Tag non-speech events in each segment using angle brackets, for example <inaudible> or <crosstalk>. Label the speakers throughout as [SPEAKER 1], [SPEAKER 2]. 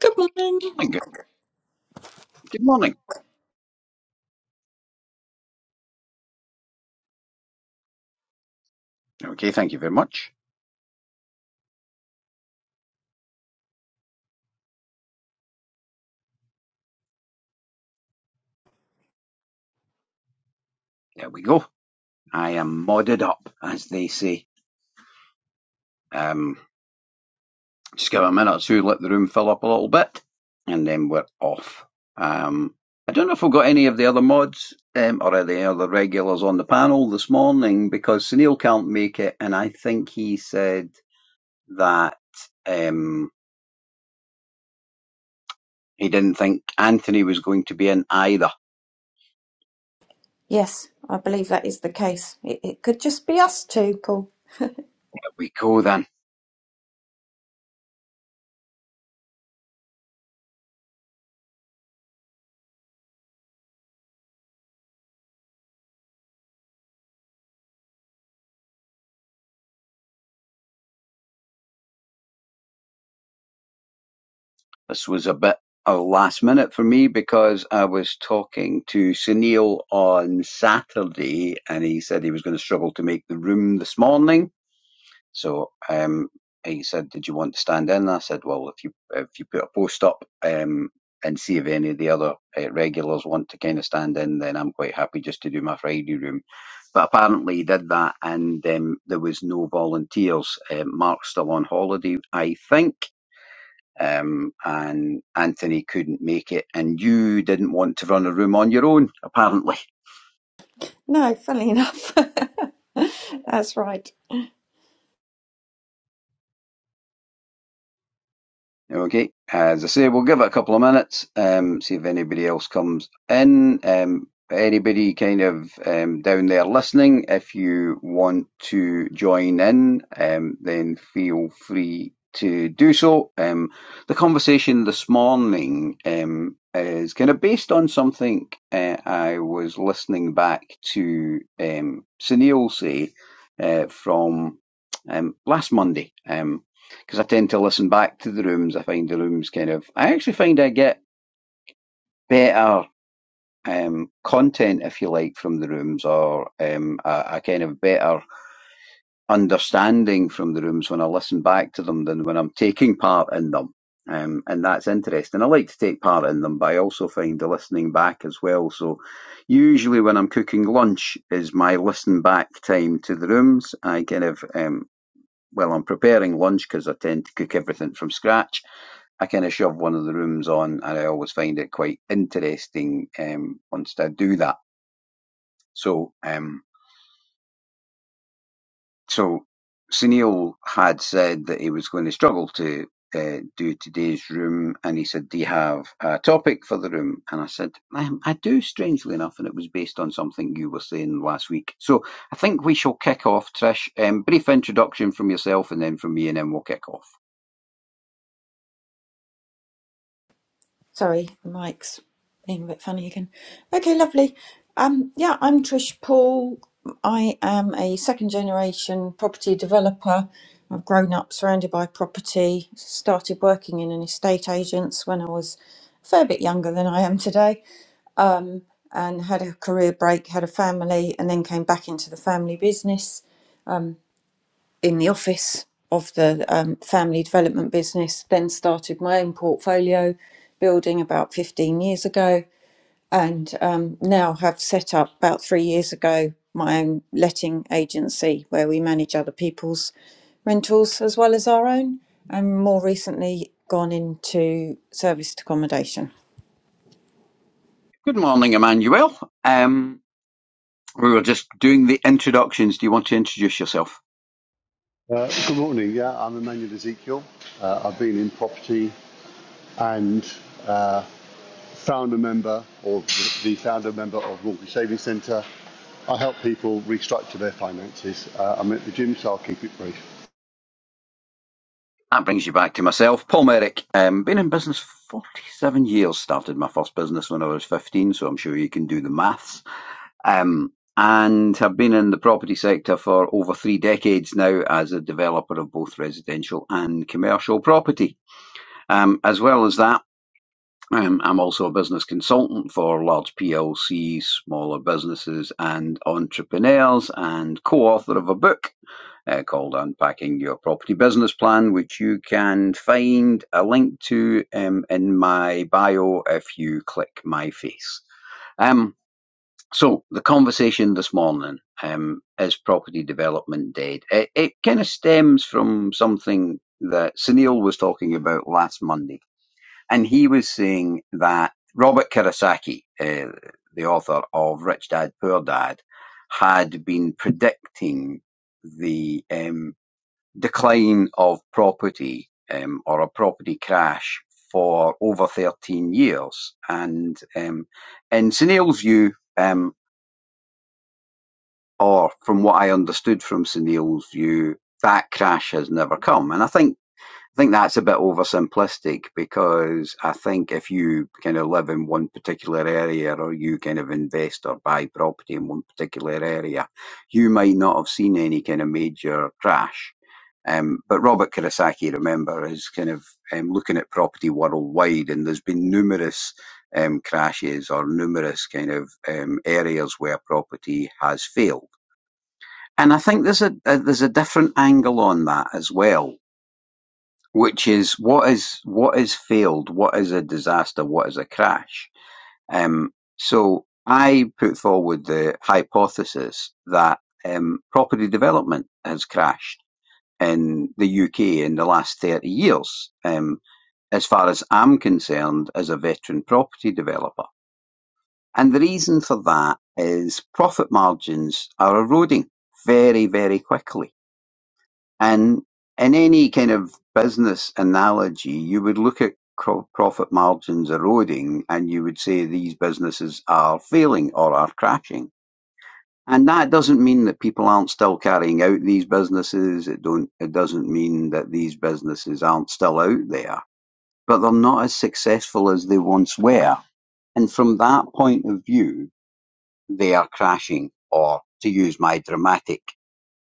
[SPEAKER 1] Good morning.
[SPEAKER 2] Good good morning. Okay, thank you very much. There we go. I am modded up, as they say. Um, just give it a minute or two, let the room fill up a little bit, and then we're off. Um, I don't know if we've got any of the other mods um, or any other regulars on the panel this morning because Sunil can't make it, and I think he said that. Um, He didn't think Anthony was going to be in either.
[SPEAKER 1] Yes, I believe that is the case. It, it could just be us two, Paul.
[SPEAKER 2] Here we go then. This was a bit of last minute for me because I was talking to Sunil on Saturday and he said he was going to struggle to make the room this morning. So um, he said, "Did you want to stand in?" And I said, "Well, if you if you put a post up um, and see if any of the other uh, regulars want to kind of stand in, then I'm quite happy just to do my Friday room." But apparently he did that, and um, there was no volunteers. Um, Mark's still on holiday, I think. Um, and Anthony couldn't make it, and you didn't want to run a room on your own, apparently.
[SPEAKER 1] No, funny enough. <laughs> That's right.
[SPEAKER 2] Okay. As I say, we'll give it a couple of minutes, um, see if anybody else comes in. Um, anybody kind of um, down there listening, if you want to join in, um, then feel free to do so. Um, the conversation this morning um, is kind of based on something uh, I was listening back to um, Sunil say uh, from um, last Monday. Um, because I tend to listen back to the rooms. I find the rooms kind of. I actually find I get better um, content, if you like, from the rooms, or um, a, a kind of better understanding from the rooms when I listen back to them than when I'm taking part in them. Um, and that's interesting. I like to take part in them, but I also find the listening back as well. So, usually when I'm cooking lunch, is my listen back time to the rooms. I kind of, um, well, I'm preparing lunch because I tend to cook everything from scratch I kind of shove one of the rooms on, and I always find it quite interesting um, once I do that. So, um, so Sunil had said that he was going to struggle to uh, do today's room, and he said, "Do you have a topic for the room?" And I said, I, "I do, strangely enough, and it was based on something you were saying last week." So, I think we shall kick off, Trish. Um, brief introduction from yourself, and then from me, and then we'll kick off.
[SPEAKER 1] Sorry, the mic's being a bit funny again. Okay, lovely. Um, yeah, I'm Trish Paul. I am a second generation property developer. I've grown up surrounded by property, started working in an estate agents when I was a fair bit younger than I am today, and had a career break, had a family, and then came back into the family business in the office of the um, family development business, then started my own portfolio building about 15 years ago, and um, now have set up about three years ago my own letting agency where we manage other people's rentals as well as our own, and more recently gone into serviced accommodation.
[SPEAKER 2] Good morning, Emmanuel. Um, We were just doing the introductions. Do you want to introduce yourself?
[SPEAKER 3] Uh, good morning. Yeah, I'm Emmanuel Ezekiel. Uh, I've been in property and uh, founder member or the founder member of Mortgage Savings Centre. I help people restructure their finances. Uh, I'm at the gym, so I'll keep it brief.
[SPEAKER 2] That brings you back to myself, Paul Merrick. Um, been in business 47 years. Started my first business when I was 15, so I'm sure you can do the maths. Um, and have been in the property sector for over three decades now as a developer of both residential and commercial property. Um, as well as that, um, I'm also a business consultant for large PLCs, smaller businesses, and entrepreneurs, and co author of a book uh, called Unpacking Your Property Business Plan, which you can find a link to um, in my bio if you click my face. Um, so, the conversation this morning um, is property development dead? It, it kind of stems from something that Sunil was talking about last Monday. And he was saying that Robert Kiyosaki, uh, the author of Rich Dad Poor Dad, had been predicting the um, decline of property um, or a property crash for over 13 years. And um, in Sunil's view, um, or from what I understood from Sunil's view, that crash has never come. And I think I think that's a bit oversimplistic because I think if you kind of live in one particular area or you kind of invest or buy property in one particular area, you might not have seen any kind of major crash um, but Robert Kurosaki, remember, is kind of um, looking at property worldwide, and there's been numerous um, crashes or numerous kind of um, areas where property has failed. And I think there's a, a there's a different angle on that as well, which is what is what is failed, what is a disaster, what is a crash. Um, so I put forward the hypothesis that um, property development has crashed in the UK in the last 30 years, um, as far as I'm concerned, as a veteran property developer. And the reason for that is profit margins are eroding very, very quickly. And in any kind of business analogy, you would look at profit margins eroding and you would say these businesses are failing or are crashing and that doesn't mean that people aren't still carrying out these businesses. It don't. It doesn't mean that these businesses aren't still out there, but they're not as successful as they once were. And from that point of view, they are crashing, or to use my dramatic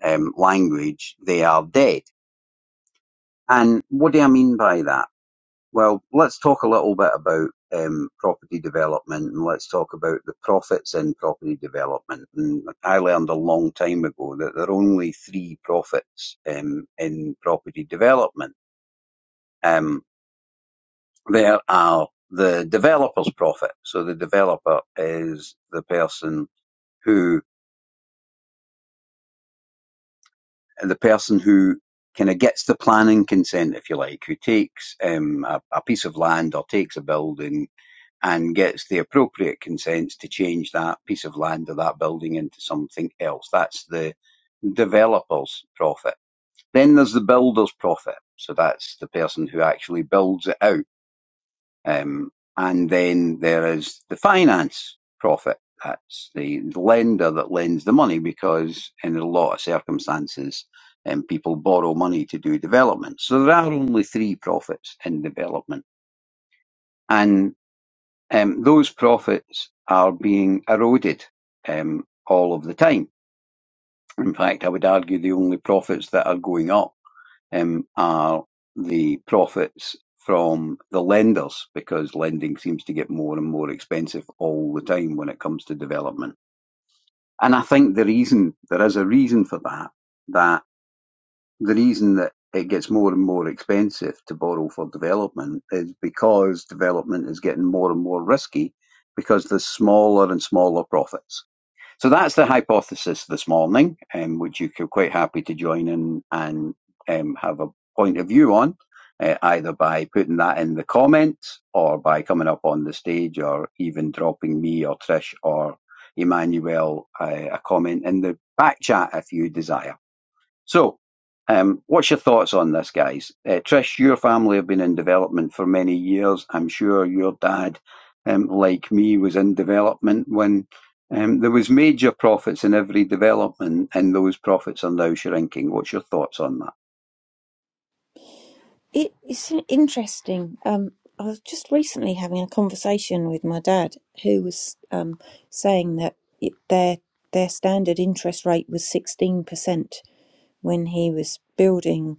[SPEAKER 2] um, language, they are dead. And what do I mean by that? Well, let's talk a little bit about um, property development and let's talk about the profits in property development. And I learned a long time ago that there are only three profits um, in property development. Um, there are the developer's profit. So the developer is the person who the person who kind of gets the planning consent, if you like, who takes um, a, a piece of land or takes a building and gets the appropriate consents to change that piece of land or that building into something else. That's the developer's profit. Then there's the builder's profit. So that's the person who actually builds it out. Um, and then there is the finance profit. That's the lender that lends the money because in a lot of circumstances, um, people borrow money to do development. So there are only three profits in development. And um, those profits are being eroded um, all of the time. In fact, I would argue the only profits that are going up um, are the profits from the lenders because lending seems to get more and more expensive all the time when it comes to development. And I think the reason, there is a reason for that, that the reason that it gets more and more expensive to borrow for development is because development is getting more and more risky because there's smaller and smaller profits. So that's the hypothesis this morning, um, which you could quite happy to join in and um, have a point of view on, uh, either by putting that in the comments or by coming up on the stage or even dropping me or Trish or Emmanuel uh, a comment in the back chat if you desire. So, um, what's your thoughts on this, guys? Uh, Trish, your family have been in development for many years. I'm sure your dad, um, like me, was in development when um, there was major profits in every development, and those profits are now shrinking. What's your thoughts on that?
[SPEAKER 1] It, it's in- interesting. Um, I was just recently having a conversation with my dad, who was um, saying that it, their their standard interest rate was sixteen percent when he was building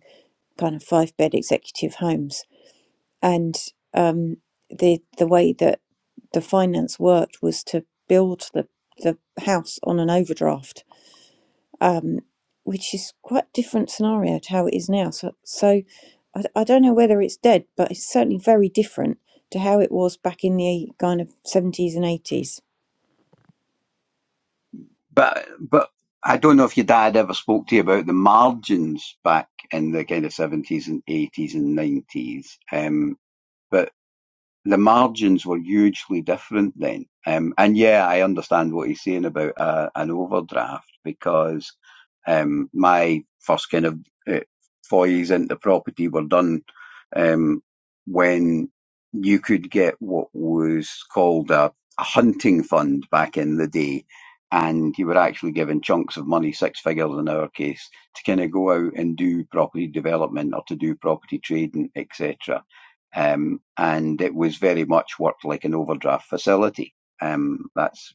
[SPEAKER 1] kind of five bed executive homes, and um, the the way that the finance worked was to build the the house on an overdraft which is quite a different scenario to how it is now. So, so I, I don't know whether it's dead, but it's certainly very different to how it was back in the kind of 70s and 80s.
[SPEAKER 2] But, but I don't know if your dad ever spoke to you about the margins back in the kind of 70s and 80s and 90s. Um, but the margins were hugely different then. Um, and yeah, I understand what he's saying about uh, an overdraft because um, my first kind of uh, forays into property were done um, when you could get what was called a, a hunting fund back in the day. And you were actually given chunks of money, six figures in our case, to kind of go out and do property development or to do property trading, etc um, and it was very much worked like an overdraft facility. Um, that's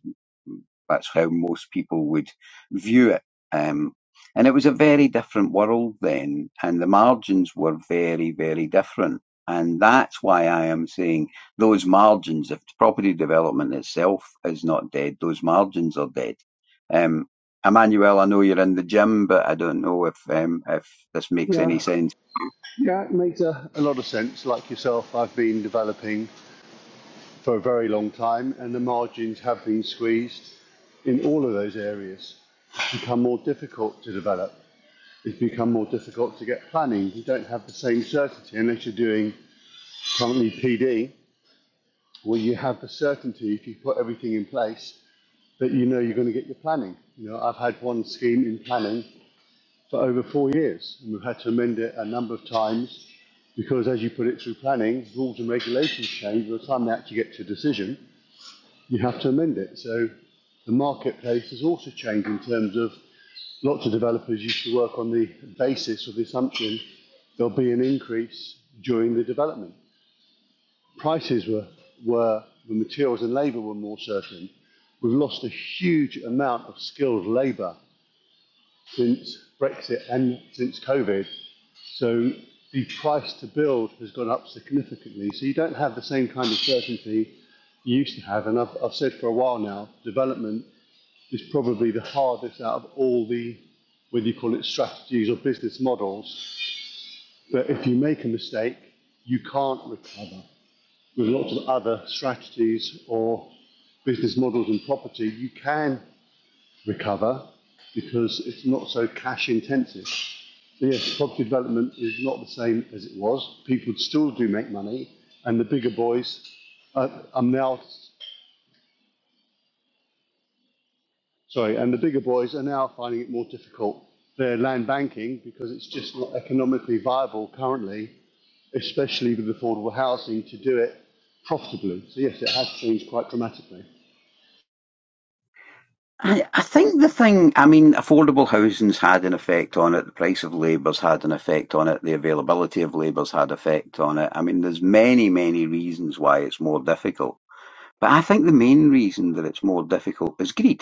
[SPEAKER 2] that's how most people would view it. Um, and it was a very different world then, and the margins were very, very different. And that's why I am saying those margins, if property development itself is not dead, those margins are dead. Um, Emmanuel, I know you're in the gym, but I don't know if um, if this makes any
[SPEAKER 3] Yeah,
[SPEAKER 2] sense
[SPEAKER 3] yeah, it makes a, a lot of sense. Like yourself, I've been developing for a very long time, and the margins have been squeezed in all of those areas. It's become more difficult to develop. It's become more difficult to get planning. You don't have the same certainty unless you're doing currently PD, where you have the certainty if you put everything in place that you know you're going to get your planning. You know, I've had one scheme in planning for over four years, and we've had to amend it a number of times because, as you put it through planning, rules and regulations change. By the time they actually get to a decision, you have to amend it. So the marketplace has also changed in terms of lots of developers used to work on the basis or the assumption there'll be an increase during the development. prices were, were the materials and labour were more certain. We've lost a huge amount of skilled labour since Brexit and since COVID. So the price to build has gone up significantly. So you don't have the same kind of certainty you used to have. And I've, I've said for a while now, development is probably the hardest out of all the, whether you call it strategies or business models. But if you make a mistake, you can't recover. With lots of other strategies or business models and property, you can recover because it's not so cash intensive. So yes, property development is not the same as it was. People still do make money, and the bigger boys are, are now sorry, and the bigger boys are now finding it more difficult. They're land banking because it's just not economically viable currently, especially with affordable housing, to do it profitably. So yes, it has changed quite dramatically.
[SPEAKER 2] I, I think the thing, I mean, affordable housing's had an effect on it. The price of labour's had an effect on it. The availability of labour's had effect on it. I mean, there's many, many reasons why it's more difficult. But I think the main reason that it's more difficult is greed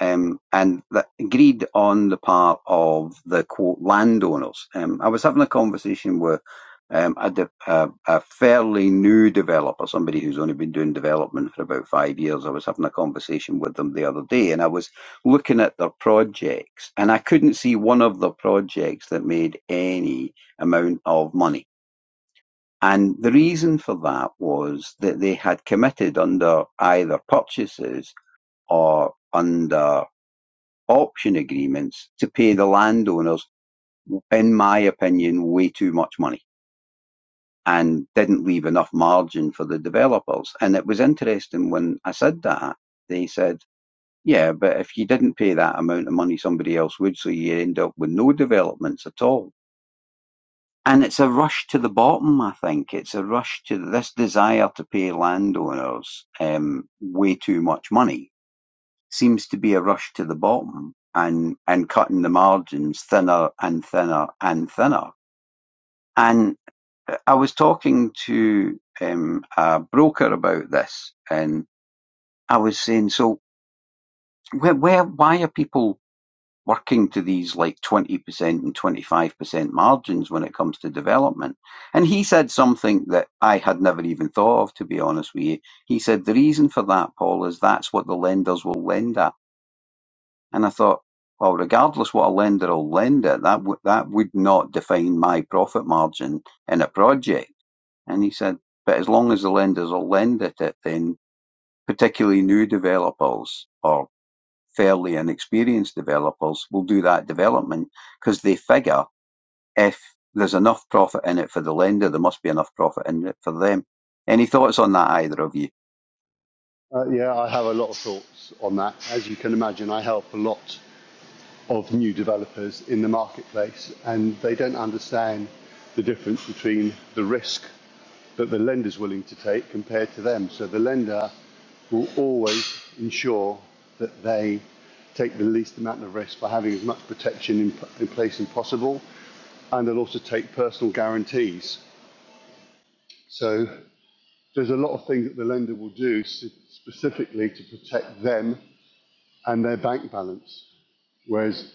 [SPEAKER 2] um, and that greed on the part of the quote landowners. Um, I was having a conversation with um, a, de- a, a fairly new developer, somebody who's only been doing development for about five years. I was having a conversation with them the other day, and I was looking at their projects, and I couldn't see one of the projects that made any amount of money. And the reason for that was that they had committed under either purchases or under option agreements to pay the landowners, in my opinion, way too much money and didn't leave enough margin for the developers. And it was interesting when I said that, they said, yeah, but if you didn't pay that amount of money, somebody else would. So you end up with no developments at all. And it's a rush to the bottom, I think. It's a rush to this desire to pay landowners um, way too much money Seems to be a rush to the bottom and and cutting the margins thinner and thinner and thinner. And I was talking to um, a broker about this, and I was saying, so where, where why are people working to these like twenty percent and twenty five percent margins when it comes to development? And he said something that I had never even thought of, to be honest with you. He said the reason for that, Paul, is that's what the lenders will lend at. And I thought, well, regardless what a lender will lend it, that w- that would not define my profit margin in a project. And he said, but as long as the lenders will lend at it, then particularly new developers or fairly inexperienced developers will do that development because they figure if there's enough profit in it for the lender, there must be enough profit in it for them. Any thoughts on that, either of you?
[SPEAKER 3] Uh, yeah, I have a lot of thoughts on that. As you can imagine, I help a lot of new developers in the marketplace, and they don't understand the difference between the risk that the lender's willing to take compared to them. So the lender will always ensure that they take the least amount of risk by having as much protection in, in place as possible, and they'll also take personal guarantees. So there's a lot of things that the lender will do specifically to protect them and their bank balance. Whereas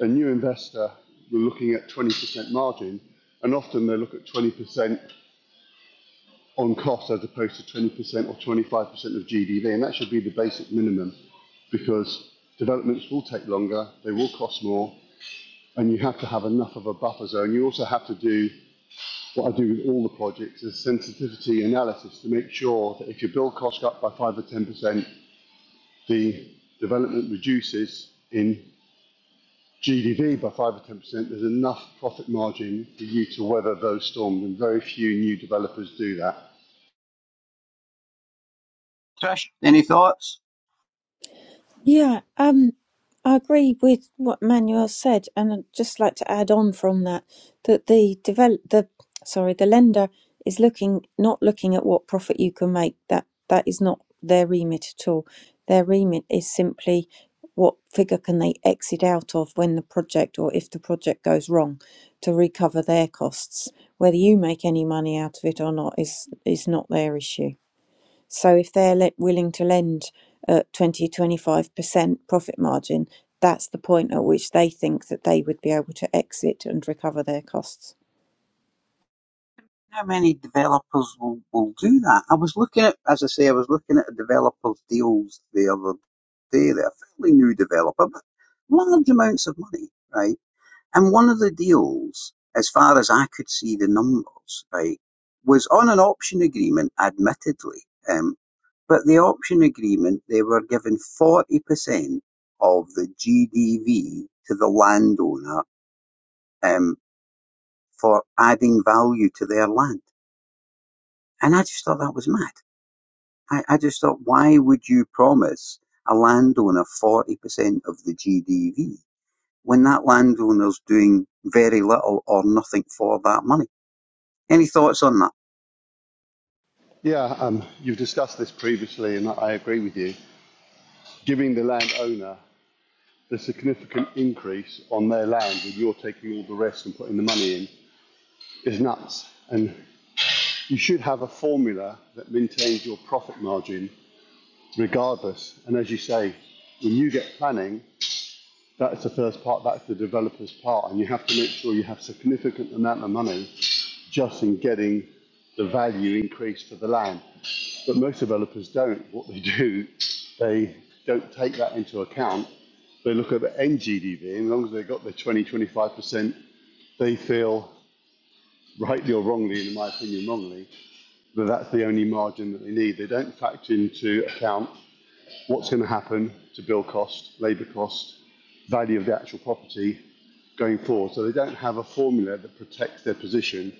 [SPEAKER 3] a new investor will looking at 20% margin, and often they look at 20% on cost as opposed to 20% or 25% of GDV, and that should be the basic minimum because developments will take longer, they will cost more, and you have to have enough of a buffer zone. You also have to do what I do with all the projects is sensitivity analysis to make sure that if your build cost up by 5 or 10%, the development reduces in GDV by 5 or 10%, there's enough profit margin for you to weather those storms, and very few new developers do that.
[SPEAKER 2] Trish, any thoughts?
[SPEAKER 1] Yeah, um, I agree with what Manuel said, and I'd just like to add on from that that the develop the sorry the lender is looking not looking at what profit you can make. That that is not their remit at all. Their remit is simply what figure can they exit out of when the project or if the project goes wrong to recover their costs. Whether you make any money out of it or not is is not their issue. So if they're le- willing to lend at twenty twenty five percent profit margin, that's the point at which they think that they would be able to exit and recover their costs.
[SPEAKER 2] How many developers will, will do that? I was looking at, as I say, I was looking at a developer's deals the other day. They're a fairly new developer, but large amounts of money, right? And one of the deals, as far as I could see the numbers, right, was on an option agreement, admittedly. Um, but the option agreement, they were given 40% of the GDV to the landowner um, for adding value to their land and I just thought that was mad. I, I just thought, why would you promise a landowner 40% of the GDV when that landowner's doing very little or nothing for that money? Any thoughts on that?
[SPEAKER 3] Yeah, um, you've discussed this previously, and I agree with you. Giving the landowner the significant increase on their land, and you're taking all the rest and putting the money in, is nuts. And you should have a formula that maintains your profit margin regardless. And as you say, when you get planning, That's the first part. That's the developer's part, and you have to make sure you have a significant amount of money just in getting the value increase for the land. But most developers don't. What they do, they don't take that into account. They look at the NGDV, and as long as they've got the 20, 25%, they feel, rightly or wrongly, and in my opinion, wrongly, that that's the only margin that they need. They don't factor into account what's going to happen to build cost, labour cost, value of the actual property, going forward. So they don't have a formula that protects their position.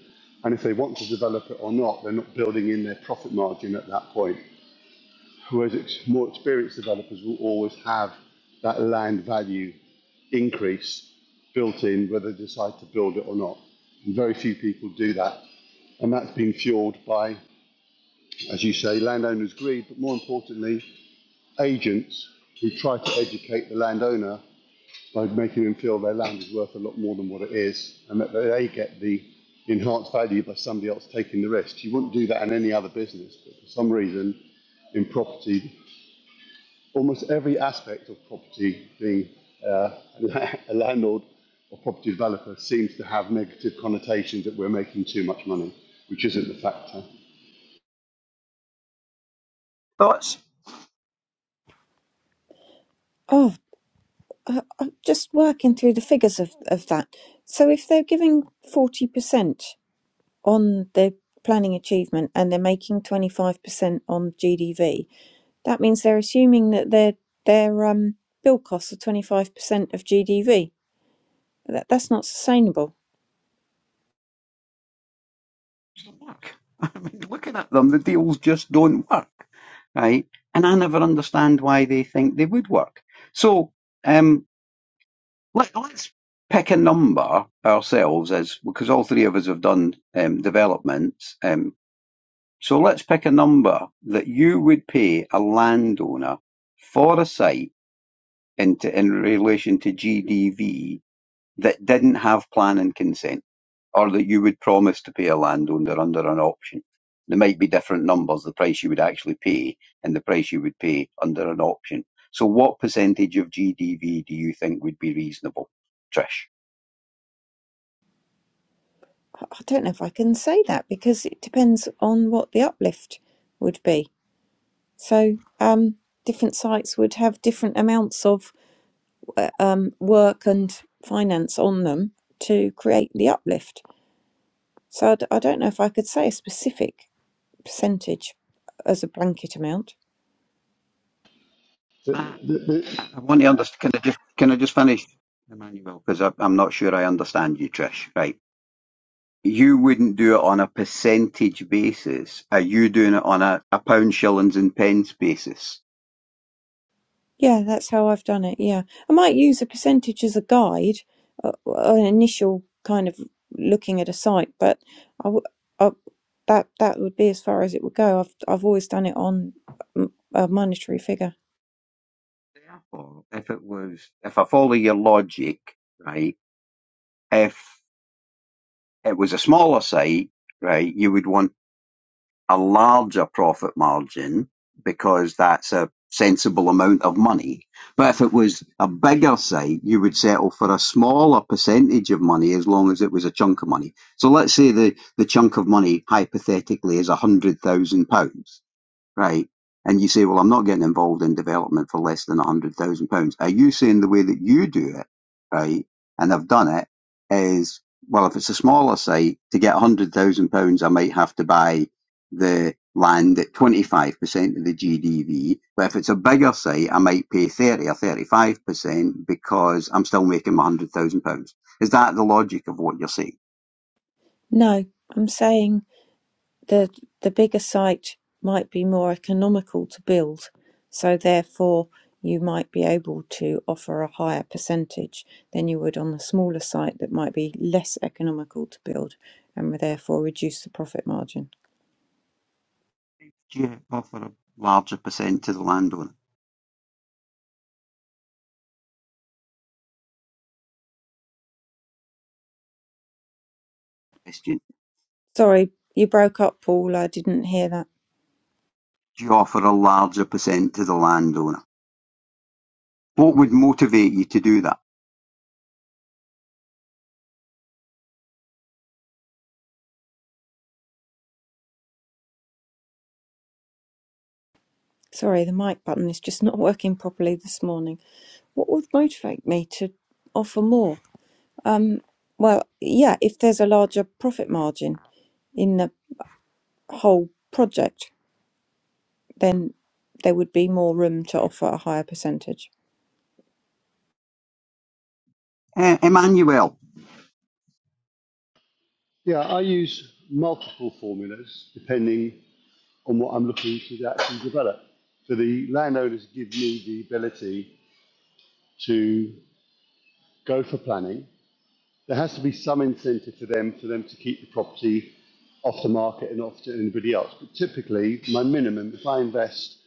[SPEAKER 3] And if they want to develop it or not, they're not building in their profit margin at that point. Whereas more experienced developers will always have that land value increase built in, whether they decide to build it or not. And very few people do that. And that's been fueled by, as you say, landowners' greed, but more importantly, agents who try to educate the landowner by making them feel their land is worth a lot more than what it is and that they get the enhanced value by somebody else taking the risk. You wouldn't do that in any other business, but for some reason in property, almost every aspect of property being uh, <laughs> a landlord or property developer seems to have negative connotations that we're making too much money, which isn't the factor.
[SPEAKER 2] Thoughts?
[SPEAKER 1] Oh, I, I'm just working through the figures of, of that. So if they're giving 40% on their planning achievement and they're making 25% on GDV, that means they're assuming that their, their um, bill costs are 25% of GDV. That, that's not sustainable.
[SPEAKER 2] Doesn't work. <laughs> I mean, looking at them, the deals just don't work, right? And I never understand why they think they would work. So um, let, let's pick a number ourselves, as because all three of us have done um, developments. um, So let's pick a number that you would pay a landowner for a site into in relation to GDV that didn't have planning consent, or that you would promise to pay a landowner under an option. There might be different numbers, the price you would actually pay and the price you would pay under an option. So what percentage of GDV do you think would be reasonable, Trish?
[SPEAKER 1] I I don't know if I can say that because it depends on what the uplift would be. So, um, different sites would have different amounts of uh, um, work and finance on them to create the uplift. So, I, d- I don't know if I could say a specific percentage as a blanket amount.
[SPEAKER 3] The,
[SPEAKER 2] I
[SPEAKER 3] the, the,
[SPEAKER 2] I want to understand. Can I just can I just finish, Emmanuel? Because I'm not sure I understand you, Trish. Right. you wouldn't do it on a percentage basis. Are you doing it on a, a pound, shillings, and pence basis?
[SPEAKER 1] Yeah, that's how I've done it. Yeah, I might use a percentage as a guide, uh, uh, an initial kind of looking at a site, but I, w- I that that would be as far as it would go. I've I've always done it on mm, a monetary figure.
[SPEAKER 2] Therefore, if it was, if I follow your logic, right, if it was a smaller site, right, you would want a larger profit margin because that's a sensible amount of money. But if it was a bigger site, you would settle for a smaller percentage of money as long as it was a chunk of money. So let's say the, the chunk of money hypothetically is £100,000 right? And you say, well, I'm not getting involved in development for less than £100,000. Are you saying the way that you do it, right? And I've done it is, well, if it's a smaller site, to get £100,000, I might have to buy the land at 25% of the GDV. But if it's a bigger site, I might pay 30 or 35% because I'm still making my £100,000. Is that the logic of what you're saying?
[SPEAKER 1] No, I'm saying the the bigger site might be more economical to build, so therefore you might be able to offer a higher percentage than you would on the smaller site that might be less economical to build and therefore reduce the profit margin.
[SPEAKER 2] Do you offer a larger percent to the landowner? Question.
[SPEAKER 1] Sorry, you broke up, Paul. I didn't hear that.
[SPEAKER 2] you offer a larger percent to the landowner? What would motivate you to do that?
[SPEAKER 1] Sorry, the mic button is just not working properly this morning. What would motivate me to offer more? Um, well, yeah, if there's a larger profit margin in the whole project, then there would be more room to offer a higher percentage.
[SPEAKER 2] Uh, Emmanuel,
[SPEAKER 3] yeah, I use multiple formulas depending on what I'm looking to actually develop. So the landowners give me the ability to go for planning. There has to be some incentive for them for them to keep the property off the market and off to anybody else. But typically, my minimum, if I invest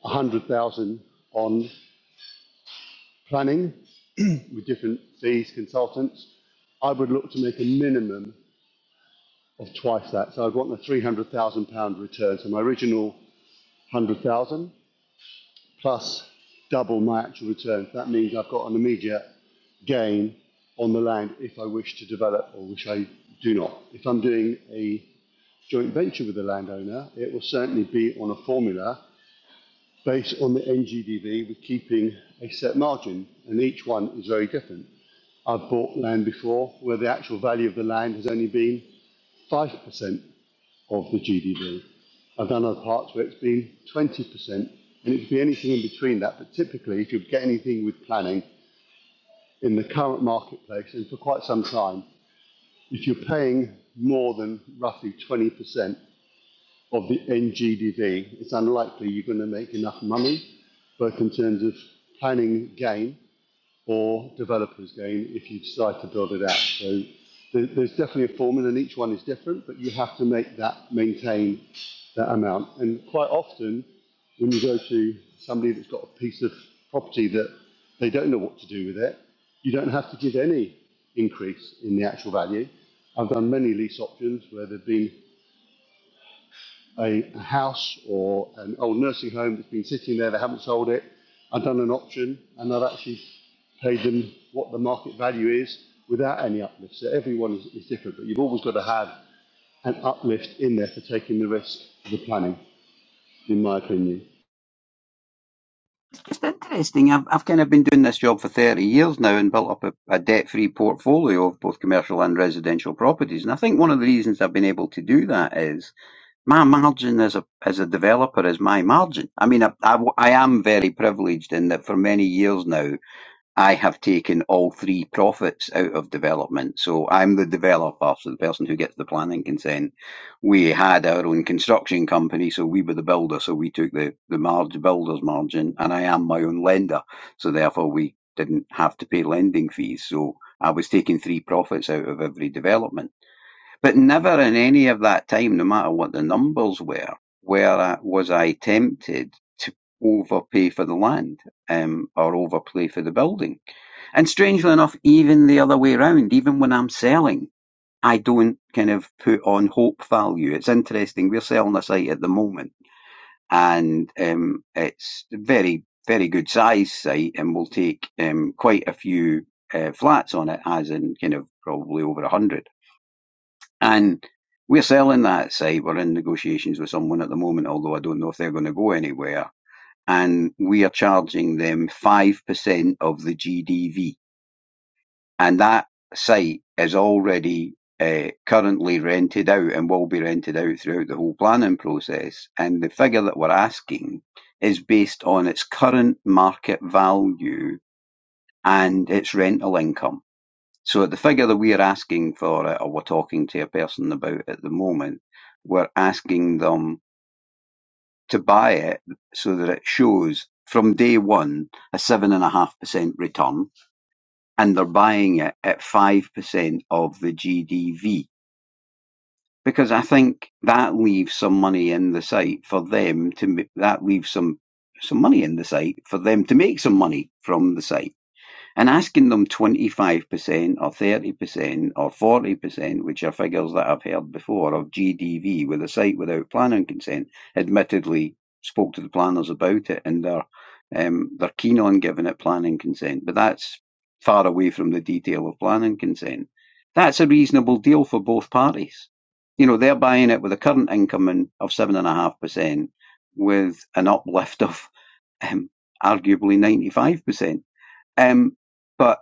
[SPEAKER 3] 100,000 on planning with different fees, consultants, I would look to make a minimum of twice that. So I'd want a 300,000 pound return. So my original 100,000 plus double my actual return. That means I've got an immediate gain on the land if I wish to develop or which I do not. If I'm doing a joint venture with the landowner, it will certainly be on a formula based on the NGDV with keeping a set margin, and each one is very different. I've bought land before where the actual value of the land has only been 5% of the GDV. I've done other parts where it's been 20%, and it could be anything in between that. But typically, if you get anything with planning in the current marketplace and for quite some time, if you're paying more than roughly 20% of the NGDV, it's unlikely you're going to make enough money, both in terms of planning gain or developers gain if you decide to build it out. So there's definitely a formula and each one is different, but you have to make that maintain that amount. And quite often, when you go to somebody that's got a piece of property that they don't know what to do with it, you don't have to give any increase in the actual value. I've done many lease options where there've been a, a house or an old nursing home that's been sitting there, they haven't sold it. I've done an option and I've actually paid them what the market value is without any uplift. So everyone is, is different, but you've always got to have an uplift in there for taking the risk of the planning, in my opinion.
[SPEAKER 2] just interesting. I've, I've kind of been doing this job for 30 years now and built up a, a debt free portfolio of both commercial and residential properties. And I think one of the reasons I've been able to do that is my margin as a, as a developer is my margin. I mean, I I I am very privileged in that for many years now, I have taken all three profits out of development. So I'm the developer, so the person who gets the planning consent. We had our own construction company, so we were the builder, so we took the, the marge, builder's margin, and I am my own lender. So therefore, we didn't have to pay lending fees. So I was taking three profits out of every development. But never in any of that time, no matter what the numbers were, where I, was I tempted to overpay for the land um, or overpay for the building and strangely enough, even the other way around, even when I'm selling, I don't kind of put on hope value. It's interesting. We're selling a site at the moment and um, it's a very, very good size site and we'll take um, quite a few uh, flats on it, as in kind of probably over 100. And we're selling that site. We're in negotiations with someone at the moment, although I don't know if they're going to go anywhere. And we are charging them 5% of the GDV and that site is already uh, currently rented out and will be rented out throughout the whole planning process. And the figure that we're asking is based on its current market value and its rental income. So the figure that we're asking for it, or we're talking to a person about at the moment, we're asking them to buy it so that it shows from day one a seven and a half percent return and they're buying it at 5% of the GDV because I think that leaves some money in the site for them to that leaves some some money in the site for them to make some money from the site and asking them 25% or 30% or 40%, which are figures that I've heard before, of GDV with a site without planning consent, admittedly spoke to the planners about it and they're, um, they're keen on giving it planning consent, but that's far away from the detail of planning consent. That's a reasonable deal for both parties. You know, they're buying it with a current income of 7.5% with an uplift of <laughs> um, arguably 95%. Um, but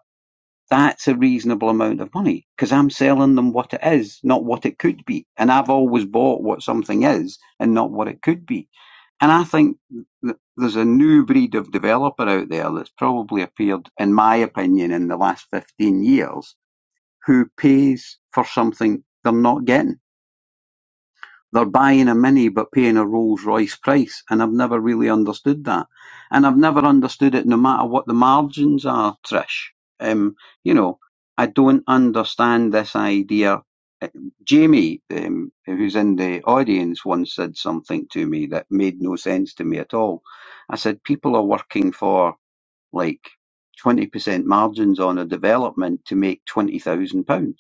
[SPEAKER 2] that's a reasonable amount of money because I'm selling them what it is, not what it could be. And I've always bought what something is and not what it could be. And I think that there's a new breed of developer out there that's probably appeared, in my opinion, in the last 15 years who pays for something they're not getting. They're buying a Mini but paying a Rolls-Royce price, and I've never really understood that. And I've never understood it no matter what the margins are, Trish. Um, you know, I don't understand this idea. Uh, Jamie, um, who's in the audience, once said something to me that made no sense to me at all. I said, people are working for like 20% margins on a development to make £20,000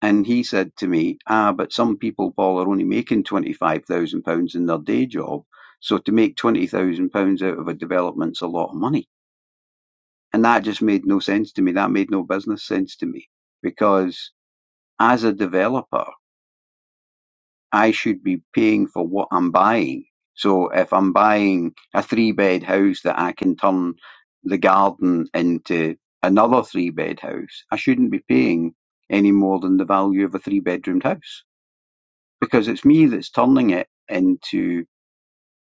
[SPEAKER 2] and he said to me, Ah, but some people, Paul, are only making £25,000 in their day job. So to make £20,000 out of a development's a lot of money. And that just made no sense to me. That made no business sense to me because as a developer, I should be paying for what I'm buying. So if I'm buying a three bed house that I can turn the garden into another three bed house, I shouldn't be paying any more than the value of a three bedroomed house because it's me that's turning it into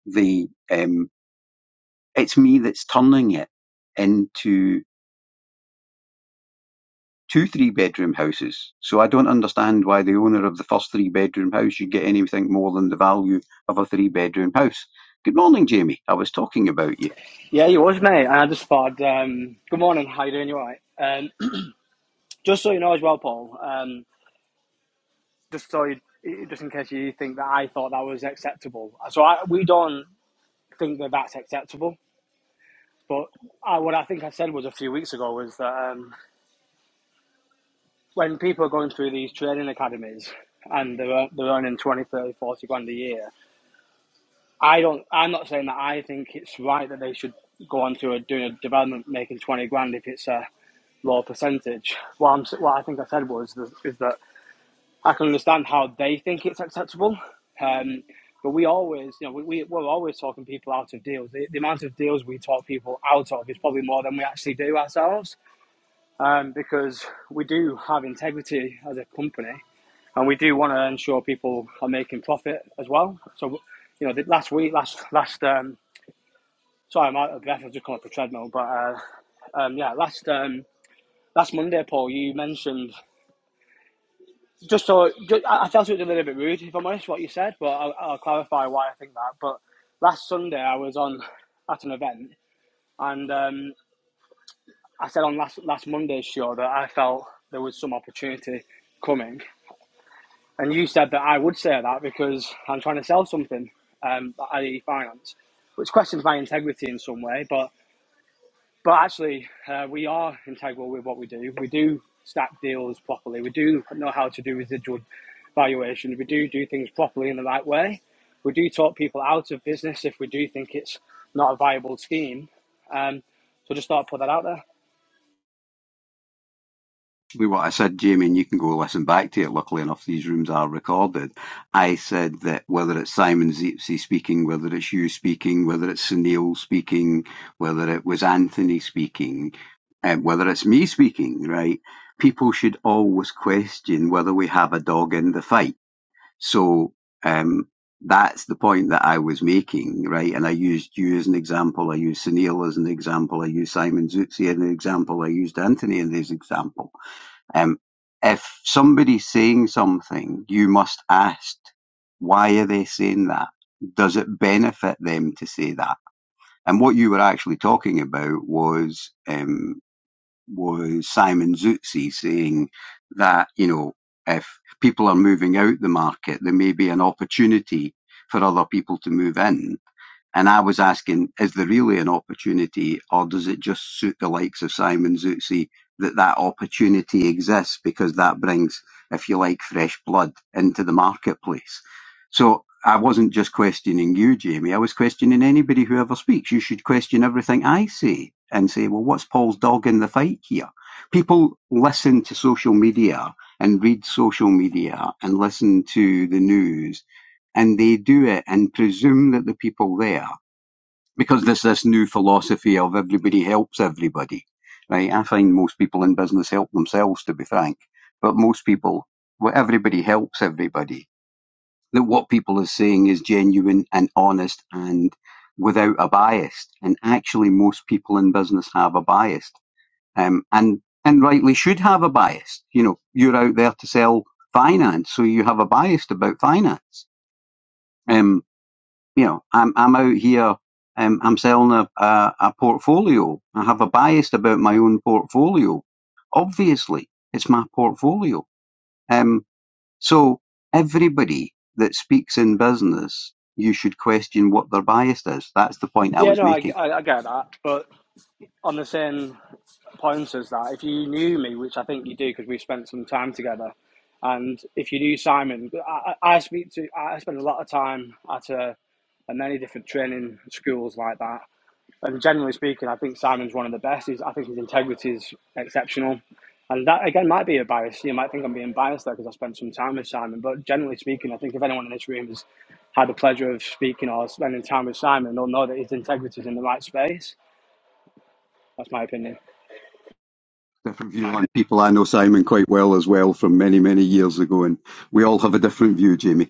[SPEAKER 2] the um, it's me that's turning it into two three bedroom houses. So I don't understand why the owner of the first three bedroom house should get anything more than the value of a three bedroom house. Good morning, Jamie. I was talking about you.
[SPEAKER 4] Yeah, you was, mate. And I just thought, um, good morning, how you doing? You alright? Um, <clears throat> just so you know as well, Paul, um, just so you, just in case you think that I thought that was acceptable. So I, we don't think that that's acceptable. But I, what I think I said was a few weeks ago was that um, when people are going through these training academies and they're, they're earning 20, 30, 40 grand a year, I don't, I'm not saying that I think it's right that they should go on to a, doing a development making 20 grand if it's a lower percentage. What I'm what I think I said was th- is that I can understand how they think it's acceptable, um, but we always you know we, we we're always talking people out of deals. The, the amount of deals we talk people out of is probably more than we actually do ourselves, um, because we do have integrity as a company and we do want to ensure people are making profit as well. So you know the, last week last last um, sorry I'm out of breath I've just come up a treadmill, but. Uh, um, yeah, last um, last Monday, Paul, you mentioned Just so ju- I, felt it was a little bit rude, if I'm honest, what you said, but I'll, I'll clarify why I think that. But last Sunday, I was on at an event, and um, I said on last last Monday's show that I felt there was some opportunity coming, and you said that I would say that because I'm trying to sell something, um, i.e., finance, which questions my integrity in some way, but. But actually, uh, we are integral with what we do. We do stack deals properly. We do know how to do residual valuations. We do do things properly in the right way. We do talk people out of business if we do think it's not a viable scheme. Um, so just thought I'd put that out there.
[SPEAKER 2] Well, what I said, Jamie, and you can go listen back to it. Luckily enough, these rooms are recorded. I said that whether it's Simon Zipsy speaking, whether it's you speaking, whether it's Sunil speaking, whether it was Anthony speaking, and whether it's me speaking, right? People should always question whether we have a dog in the fight. So um, that's the point that I was making, right? And I used you as an example. I used Sunil as an example. I used Simon Zutzi as an example. I used Anthony as an example um, if somebody's saying something, you must ask, why are they saying that? Does it benefit them to say that? And what you were actually talking about was um, was Simon Zutzi saying that you know if people are moving out the market, there may be an opportunity for other people to move in and I was asking, is there really an opportunity, or does it just suit the likes of Simon Zutzi that that opportunity exists because that brings, if you like, fresh blood into the marketplace? So I wasn't just questioning you, Jamie. I was questioning anybody who ever speaks. You should question everything I say and say, well, what's Paul's dog in the fight here? People listen to social media and read social media and listen to the news and they do it and presume that the people there because there's this new philosophy of everybody helps everybody, right? I find most people in business help themselves, to be frank. But most people, well, everybody helps everybody. That what people are saying is genuine and honest and without a bias. And actually, most people in business have a bias, um, and and rightly should have a bias. You know, you're out there to sell finance, so you have a bias about finance. Um you know, I'm I'm out here. Um, I'm selling a, a a portfolio. I have a bias about my own portfolio. Obviously, it's my portfolio. Um, so everybody that speaks in business, you should question what their bias is. That's the point I
[SPEAKER 4] Yeah,
[SPEAKER 2] was
[SPEAKER 4] no, I,
[SPEAKER 2] making.
[SPEAKER 4] I, I get that. But on the same pointers that if you knew me, which I think you do because we've spent some time together, and if you knew Simon, I, I speak to, I spend a lot of time at uh at many different training schools like that, and generally speaking, I think Simon's one of the best. He's, I think his integrity is exceptional. And that again might be a bias. You might think I'm being biased there because I spent some time with Simon. But generally speaking, I think if anyone in this room has had the pleasure of speaking or spending time with Simon, they'll know that his integrity is in the right space. That's my opinion.
[SPEAKER 2] Different view on people. I know Simon quite well as well from many many years ago, and we all have a different view, Jamie.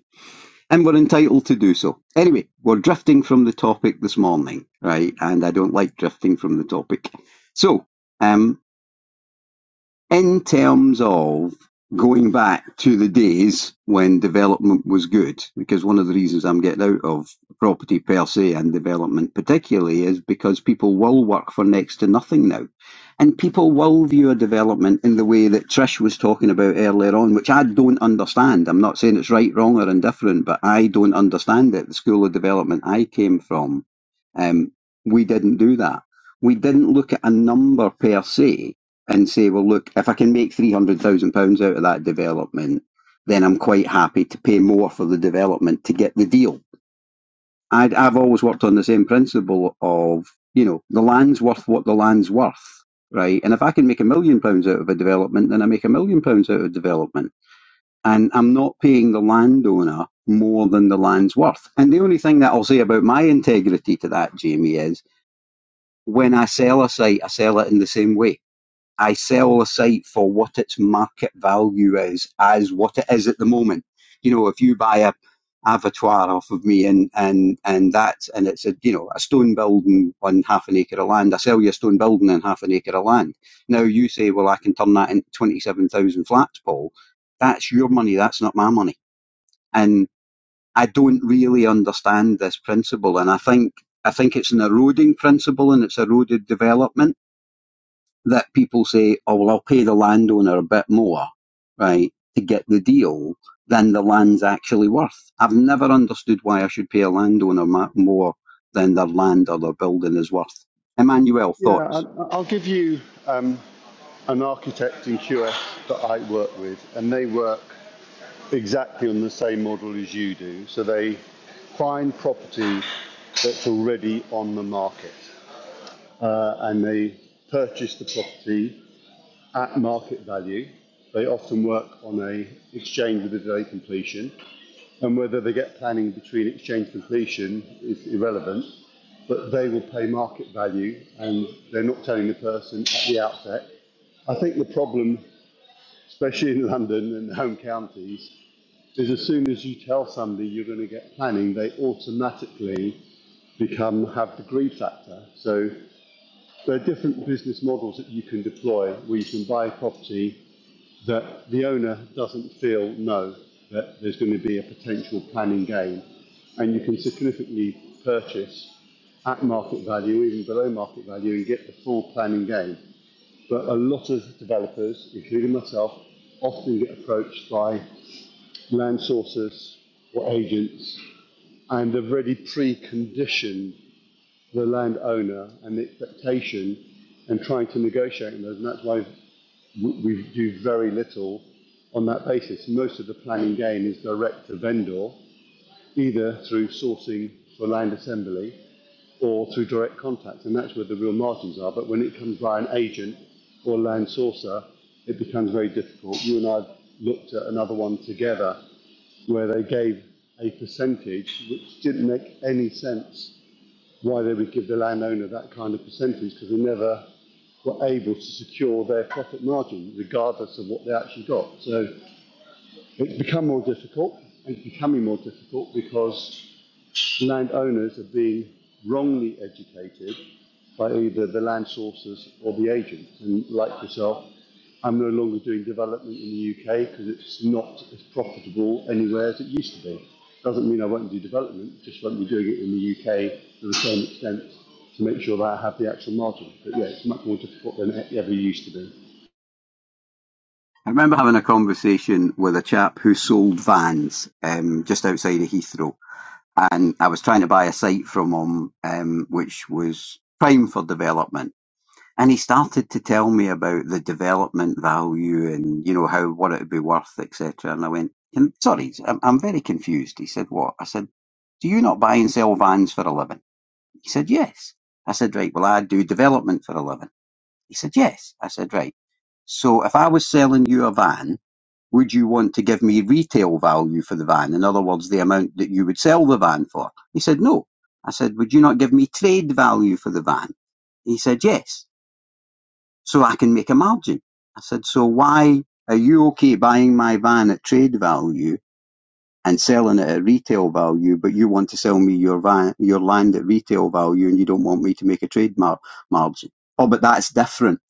[SPEAKER 2] and we're entitled to do so. Anyway, we're drifting from the topic this morning, right? And I don't like drifting from the topic. So, um, in terms of going back to the days when development was good, because one of the reasons I'm getting out of property per se and development particularly is because people will work for next to nothing now. And people will view a development in the way that Trish was talking about earlier on, which I don't understand. I'm not saying it's right, wrong, or indifferent, but I don't understand it. The school of development I came from, um, we didn't do that. We didn't look at a number per se and say, well, look, if I can make £300,000 out of that development, then I'm quite happy to pay more for the development to get the deal. I'd, I've always worked on the same principle of, you know, the land's worth what the land's worth, right? And if I can make a million pounds out of a development, then I make a million pounds out of development. And I'm not paying the landowner more than the land's worth. And the only thing that I'll say about my integrity to that, Jamie, is when I sell a site, I sell it in the same way I sell a site for what its market value is, as what it is at the moment. You know, if you buy a abattoir off of me and and and that's and it's a you know a stone building on half an acre of land, I sell you a stone building on half an acre of land. Now you say, well, I can turn that into twenty seven thousand flats, Paul. That's your money. That's not my money. And I don't really understand this principle. And I think I think it's an eroding principle, and it's eroded development that people say, oh, well, I'll pay the landowner a bit more, right, to get the deal than the land's actually worth. I've never understood why I should pay a landowner more than their land or their building is worth. Emmanuel,
[SPEAKER 3] Yeah,
[SPEAKER 2] thoughts?
[SPEAKER 3] I- will give you um, an architect in QS that I work with, and they work exactly on the same model as you do. So they find property that's already on the market, uh, and they purchase the property at market value. They often work on a exchange with a delay completion, and whether they get planning between exchange completion is irrelevant but they will pay market value and they're not telling the person at the outset. I think the problem, especially in <laughs> London and the home counties, is as soon as you tell somebody you're going to get planning, they automatically become have the greed factor. So there are different business models that you can deploy where you can buy property that the owner doesn't feel no that there's going to be a potential planning gain, and you can significantly purchase at market value, even below market value, and get the full planning gain. But a lot of developers, including myself, often get approached by land sources or agents, and they've already preconditioned the landowner and the expectation and trying to negotiate on those. And that's why we do very little on that basis. Most of the planning gain is direct to vendor, either through sourcing for land assembly or through direct contact, and that's where the real margins are. But when it comes by an agent or land sourcer, it becomes very difficult. You and I looked at another one together where they gave a percentage which didn't make any sense why they would give the landowner that kind of percentage because they never were able to secure their profit margin regardless of what they actually got. So it's become more difficult. and It's becoming more difficult because landowners are being wrongly educated by either the land sources or the agents. And like yourself, I'm no longer doing development in the UK because it's not as profitable anywhere as it used to be. Doesn't mean I won't do development, just won't be doing it in the UK to the same extent to make sure that I have the actual margin. But yeah, it's much more difficult than it ever used to be.
[SPEAKER 2] I remember having a conversation with a chap who sold vans um, just outside of Heathrow, and I was trying to buy a site from him, um, which was prime for development And he started to tell me about the development value and, you know, how, what it would be worth, etc. And I went, "Can- sorry, I'm, I'm very confused. He said, what? I said, do you not buy and sell vans for a living? He said, yes. I said, right, well, I do development for a living. He said, yes. I said, right. So if I was selling you a van, would you want to give me retail value for the van? In other words, the amount that you would sell the van for? He said, no. I said, would you not give me trade value for the van? He said, yes so I can make a margin. I said, so why are you okay buying my van at trade value and selling it at retail value, but you want to sell me your van, your land at retail value and you don't want me to make a trade mar- margin? Oh, but that's different.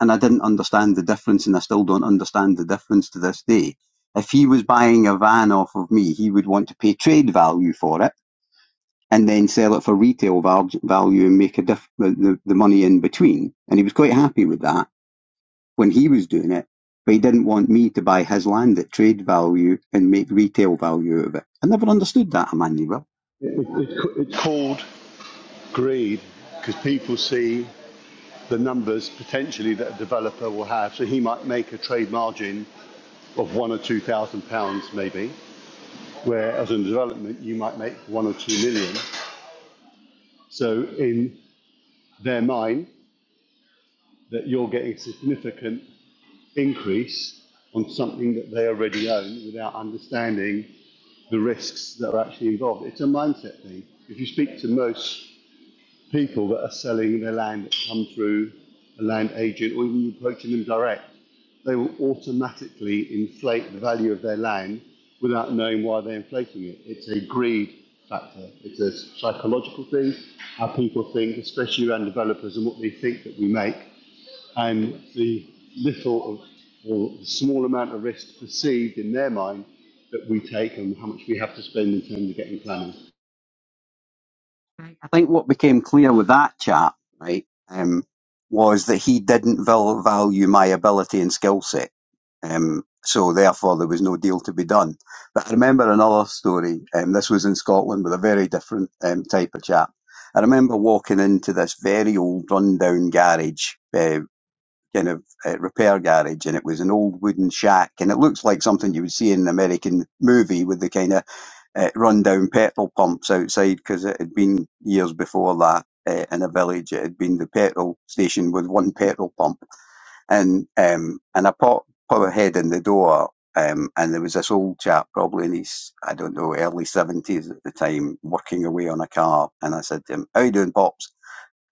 [SPEAKER 2] And I didn't understand the difference and I still don't understand the difference to this day. If he was buying a van off of me, he would want to pay trade value for it and then sell it for retail val- value and make a diff- the, the the money in between. And he was quite happy with that when he was doing it, but he didn't want me to buy his land at trade value and make retail value out of it. I never understood that, Emmanuel.
[SPEAKER 3] It's called greed because people see the numbers potentially that a developer will have. So he might make a trade margin of one or two thousand pounds maybe, where as a development you might make one or two million. So in their mind, that you're getting a significant increase on something that they already own without understanding the risks that are actually involved. It's a mindset thing. If you speak to most people that are selling their land that come through a land agent or even you approaching them direct, they will automatically inflate the value of their land without knowing why they're inflating it. It's a greed factor. It's a psychological thing, how people think, especially around developers and what they think that we make, and the little of, or the small amount of risk perceived in their mind that we take and how much we have to spend in terms of getting planning.
[SPEAKER 2] Right. I think what became clear with that chap, right, um, was that he didn't val- value my ability and skill set. Um, so therefore, there was no deal to be done. But I remember another story. Um, this was in Scotland with a very different um, type of chap. I remember walking into this very old, rundown garage. uh, kind of uh, repair garage, and it was an old wooden shack, and it looks like something you would see in an American movie with the kind of uh, rundown petrol pumps outside, because it had been years before that. Uh, in a village, it had been the petrol station with one petrol pump, and um, and I popped put a head in the door, um, and there was this old chap, probably in his, I don't know, early 70s at the time, working away on a car. And I said to him, How you doing, Pops?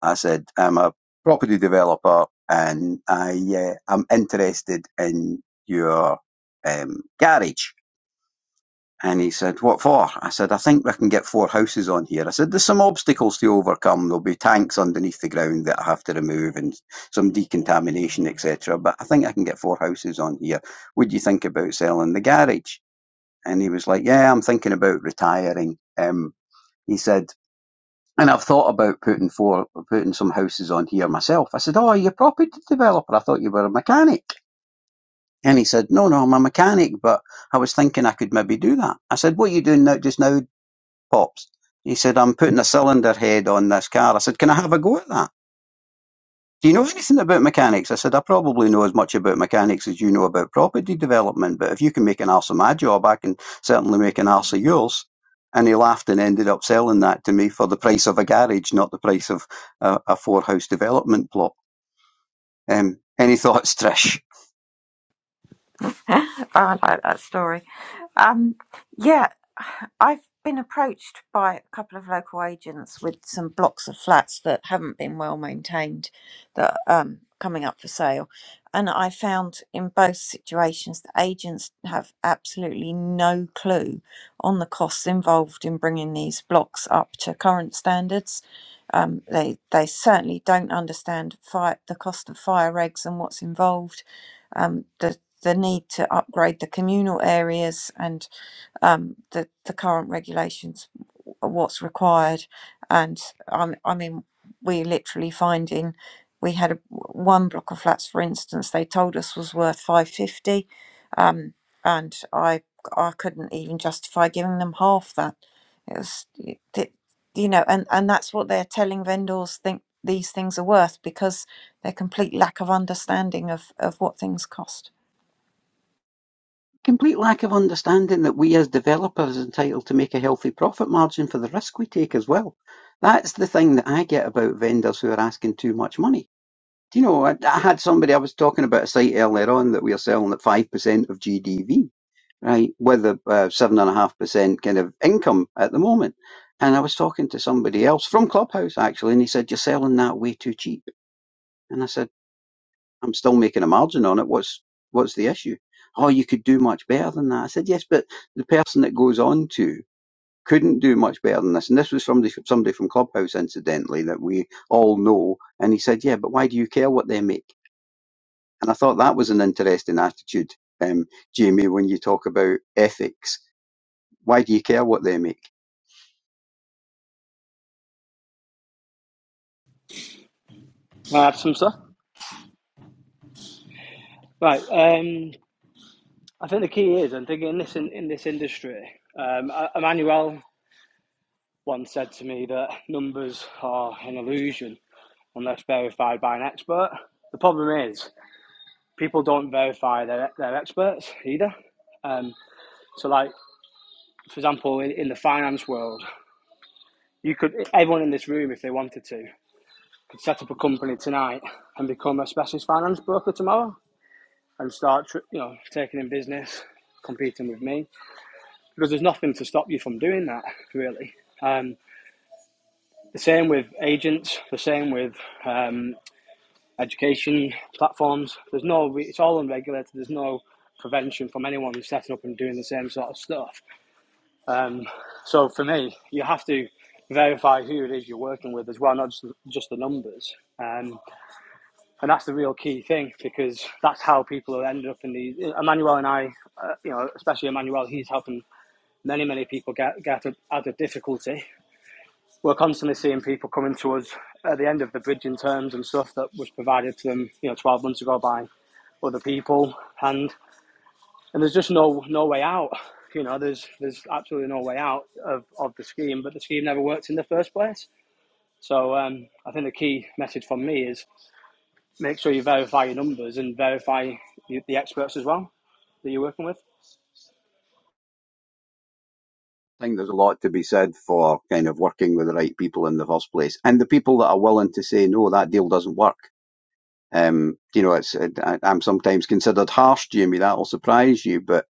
[SPEAKER 2] I said, I'm a property developer and I, uh, I'm interested in your um, garage. And he said, what for? I said, I think we can get four houses on here. I said, there's some obstacles to overcome. There'll be tanks underneath the ground that I have to remove and some decontamination, etc. But I think I can get four houses on here. Would you think about selling the garage? And he was like, yeah, I'm thinking about retiring. Um, he said, and I've thought about putting four, putting some houses on here myself. I said, "Oh, are you a property developer? I thought you were a mechanic." And he said, "No, no, I'm a mechanic, but I was thinking I could maybe do that." I said, "What are you doing now, just now, pops?" He said, "I'm putting a cylinder head on this car." I said, "Can I have a go at that?" Do you know anything about mechanics? I said, I probably know as much about mechanics as you know about property development, but if you can make an arse of my job, I can certainly make an arse of yours. And he laughed and ended up selling that to me for the price of a garage, not the price of a, a four house development plot. Um, any <laughs> thoughts, Trish?
[SPEAKER 1] <laughs> I like that story. Um, yeah, I've been approached by a couple of local agents with some blocks of flats that haven't been well maintained that um coming up for sale. And I found in both situations the agents have absolutely no clue on the costs involved in bringing these blocks up to current standards. Um, they they certainly don't understand fire, the cost of fire regs and what's involved. Um, the the need to upgrade the communal areas and um, the the current regulations, what's required, and um, I mean we're literally finding we had a, one block of flats, for instance, they told us was worth five fifty um, and I I couldn't even justify giving them half that. It was, it, you know, and and that's what they're telling vendors think these things are worth because their complete lack of understanding of of what things cost.
[SPEAKER 2] Complete lack of understanding that we as developers are entitled to make a healthy profit margin for the risk we take as well. That's the thing that I get about vendors who are asking too much money Do you know, I, I had somebody, I was talking about a site earlier on that we are selling at 5% of GDV, right, with a uh, 7.5% kind of income at the moment. And I was talking to somebody else from Clubhouse, actually, and he said, you're selling that way too cheap. And I said, I'm still making a margin on it. What's, what's the issue? Oh, you could do much better than that. I said, yes, but the person that goes on to couldn't do much better than this. And this was from the, somebody from Clubhouse, incidentally, that we all know. And he said, yeah, but why do you care what they make? And I thought that was an interesting attitude, um, Jamie, when you talk about ethics. Why do you care what they make?
[SPEAKER 4] Can I add some stuff? Right. Um, I think the key is, and thinking in this in, in this industry, um, E- Emmanuel once said to me that numbers are an illusion unless verified by an expert. The problem is people don't verify their their experts either. Um, so, like for example, in, in the finance world, you could everyone in this room, if they wanted to, could set up a company tonight and become a specialist finance broker tomorrow and start, tr- you know, taking in business, competing with me. because there's nothing to stop you from doing that, really. Um, the same with agents, the same with um, education platforms. There's no, it's all unregulated. There's no prevention from anyone setting up and doing the same sort of stuff. Um, so for me, you have to verify who it is you're working with as well, not just, just the numbers. Um, and that's the real key thing because that's how people are ended up in these. Emmanuel and I, uh, you know, especially Emmanuel, he's helping many, many people get, get out of difficulty we're constantly seeing people coming to us at the end of the bridging terms and stuff that was provided to them, you know, 12 months ago by other people, and and there's just no no way out. You know, there's there's absolutely no way out of, of the scheme, but the scheme never worked in the first place. So um, I think the key message from me is make sure you verify your numbers and verify the, the experts as well that you're working with.
[SPEAKER 2] I think there's a lot to be said for kind of working with the right people in the first place, and the people that are willing to say no, that deal doesn't work. Um, you know, it's I, I'm sometimes considered harsh, Jamie. That'll surprise you, but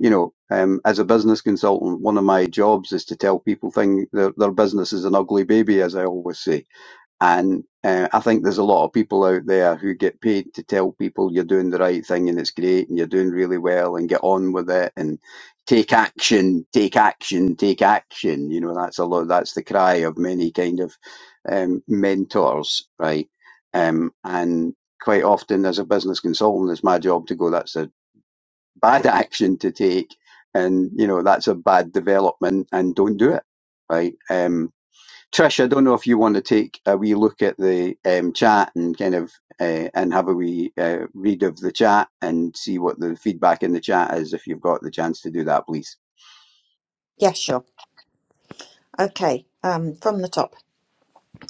[SPEAKER 2] you know, um, as a business consultant, one of my jobs is to tell people thing their, their business is an ugly baby, as I always say. And uh, I think there's a lot of people out there who get paid to tell people you're doing the right thing and it's great and you're doing really well and get on with it and take action, take action, take action. You know, that's a lot. That's the cry of many kind of um, mentors, right? Um, and quite often, as a business consultant, it's my job to go. That's a bad <laughs> action to take, and you know that's a bad development, and don't do it, right? Um, Trish, I don't know if you want to take a wee look at the um, chat and kind of uh, and have a wee uh, read of the chat and see what the feedback in the chat is. If you've got the chance to do that, please.
[SPEAKER 1] Yeah, sure. Okay, um, from the top,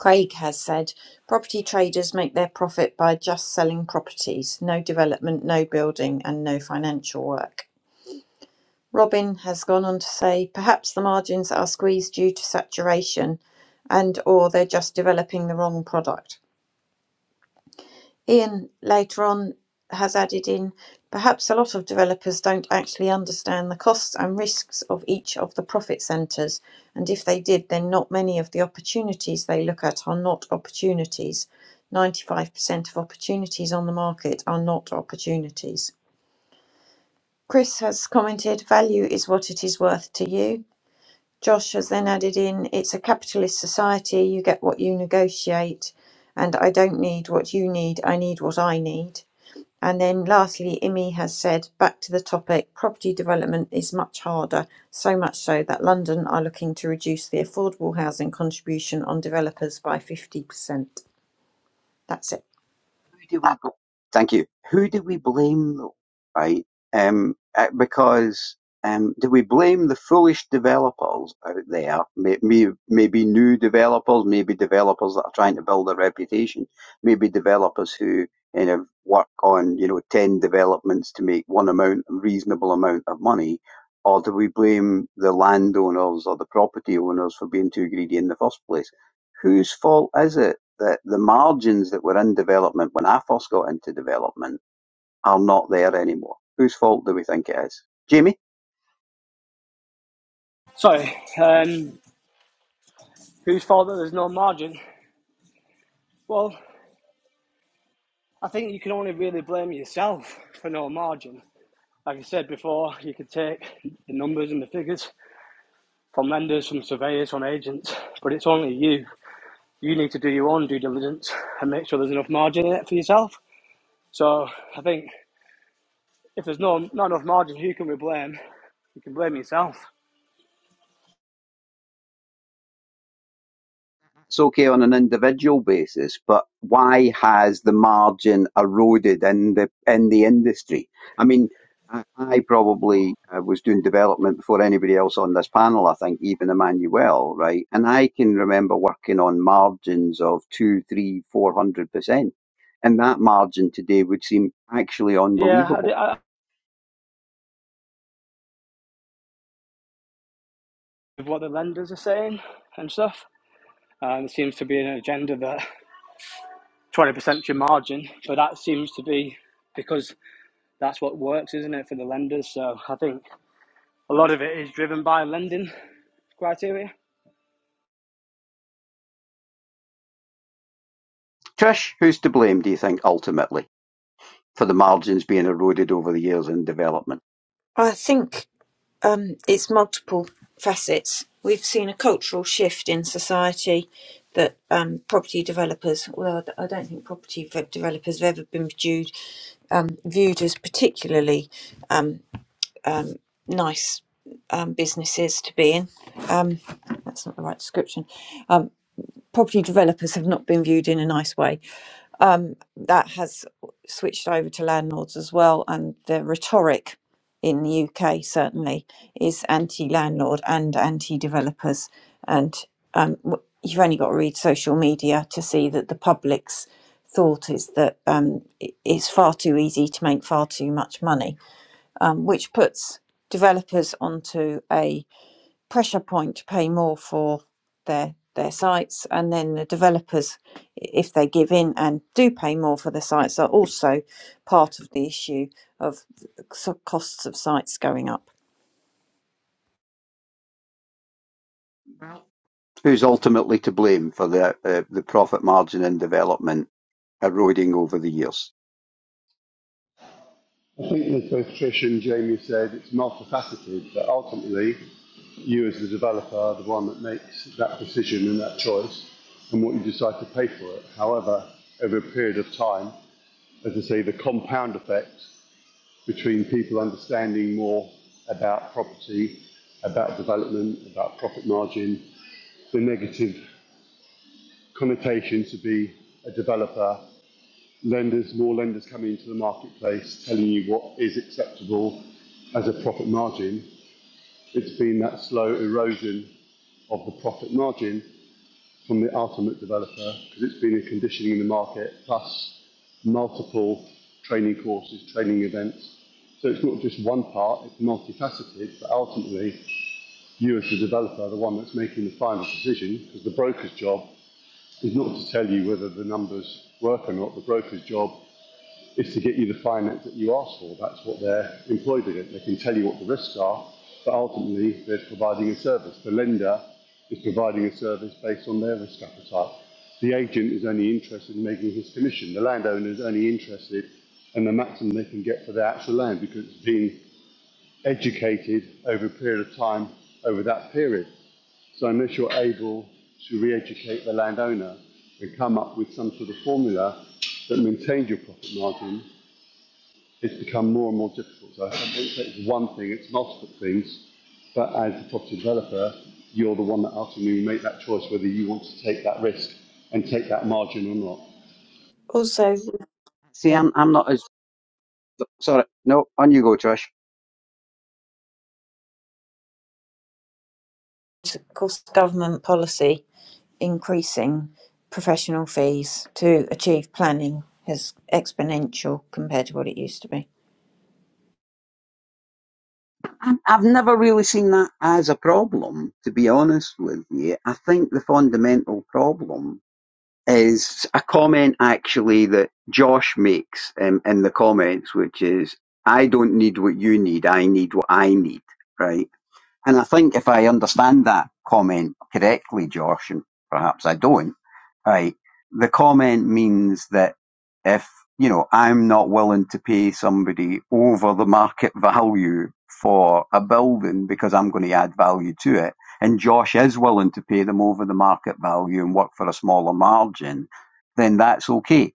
[SPEAKER 1] Craig has said property traders make their profit by just selling properties, no development, no building, and no financial work. Robin has gone on to say, perhaps the margins are squeezed due to saturation and or they're just developing the wrong product. Ian later on has added in, perhaps a lot of developers don't actually understand the costs and risks of each of the profit centres, and if they did, then not many of the opportunities they look at are not opportunities. 95% of opportunities on the market are not opportunities. Chris has commented, value is what it is worth to you. Josh has then added in, it's a capitalist society, you get what you negotiate, and I don't need what you need, I need what I need. And then lastly, Imi has said, back to the topic, property development is much harder, so much so that London are looking to reduce the affordable housing contribution on developers by 50%. That's it.
[SPEAKER 2] who do we bl- thank you who do we blame though right um uh, because um do we blame the foolish developers out there may, may, maybe new developers maybe developers that are trying to build a reputation maybe developers who you know work on you know 10 developments to make one amount reasonable amount of money or do we blame the landowners or the property owners for being too greedy in the first place whose fault is it the, the margins that were in development when I first got into development are not there anymore. Whose fault do we think it is? Jamie?
[SPEAKER 4] Sorry, um, whose fault that there's no margin? Well, I think you can only really blame yourself for no margin Like I said before, you could take the numbers and the figures from lenders, from surveyors, from agents, but it's only you. You need to do your own due diligence and make sure there's enough margin in it for yourself. So I think if there's no not enough margin, who can we blame? You can blame yourself.
[SPEAKER 2] It's okay on an individual basis, but why has the margin eroded in the in the industry? I mean, I, I probably uh, was doing development before anybody else on this panel. I think even Emmanuel, right? And I can remember working on margins of two, three, four hundred percent, and that margin today would seem actually
[SPEAKER 4] Yeah,
[SPEAKER 2] unbelievable
[SPEAKER 4] I, I, with what the lenders are saying and stuff. Uh, there seems to be an agenda that 20% your margin, but that seems to be because that's what works, isn't it, for the lenders? So I think A lot of it is driven by lending criteria.
[SPEAKER 2] Trish, who's to blame, do you think, ultimately, for the margins being eroded over the years in development?
[SPEAKER 1] I think um, it's multiple facets. We've seen a cultural shift in society that um, property developers, although I d- I don't think property v- developers have ever been viewed, um, viewed as particularly um, um, nice um, businesses to be in. Um, that's not the right description. Um, property developers have not been viewed in a nice way. Um, that has switched over to landlords as well, and the rhetoric in the UK certainly is anti-landlord and anti-developers. And um, w- you've only got to read social media to see that the public's thought is that um, i- it's far too easy to make far too much money, um, which puts developers onto a pressure point to pay more for their their sites and then the developers if they give in and do pay more for the sites are also part of the issue of so- costs of sites going up
[SPEAKER 2] Who's ultimately to blame for the uh, the profit margin in development eroding over the years?
[SPEAKER 3] I think as both Trish and Jamie said, it's multifaceted, but ultimately, you as the developer are the one that makes that decision and that choice and what you decide to pay for it. However, over a period of time, as I say, the compound effect between people understanding more about property, about development, about profit margin, the negative connotation to be a developer lenders, more lenders coming into the marketplace, telling you what is acceptable as a profit margin. It's been that slow erosion of the profit margin from the ultimate developer because it's been a conditioning in the market plus multiple training courses, training events. So it's not just one part, it's multifaceted, but ultimately you as the developer are the one that's making the final decision because the broker's job is not to tell you whether the numbers work or not. The broker's job is to get you the finance that you ask for. That's what they're employed against. They can tell you what the risks are, but ultimately they're providing a service. The lender is providing a service based on their risk appetite. The agent is only interested in making his commission. The landowner is only interested in the maximum they can get for their actual land because it's been educated over a period of time over that period. So unless you're able to re-educate the landowner and come up with some sort of formula that maintains your profit margin it's become more and more difficult. So I don't say it's one thing, it's multiple things, but as the property developer, you're the one that ultimately make that choice whether you want to take that risk and take that margin or not.
[SPEAKER 1] also
[SPEAKER 2] See, I'm I'm not as sorry. No, on you go, Trish.
[SPEAKER 1] of course government policy increasing professional fees to achieve planning is exponential compared to what it used to be
[SPEAKER 2] I'm, I've never really seen that as a problem, to be honest with you. I think the fundamental problem is a comment actually that Josh makes um, in the comments, which is, I don't need what you need, I need what I need, right? And I think if I understand that comment correctly, Josh, and perhaps I don't, right, the comment means that if, you know, I'm not willing to pay somebody over the market value for a building because I'm going to add value to it, and Josh is willing to pay them over the market value and work for a smaller margin, then that's okay.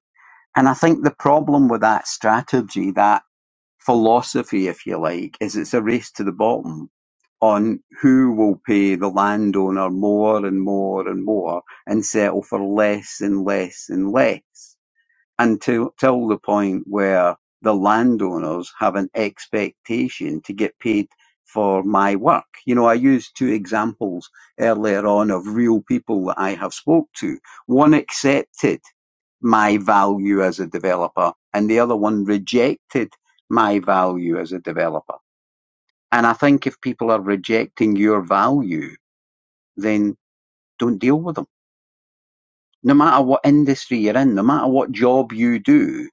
[SPEAKER 2] And I think the problem with that strategy, that philosophy, if you like, is it's a race to the bottom on who will pay the landowner more and more and more and settle for less and less and less until till the point where the landowners have an expectation to get paid for my work. You know, I used two examples earlier on of real people that I have spoke to. One accepted my value as a developer and the other one rejected my value as a developer. And I think if people are rejecting your value, then don't deal with them. No matter what industry you're in, no matter what job you do,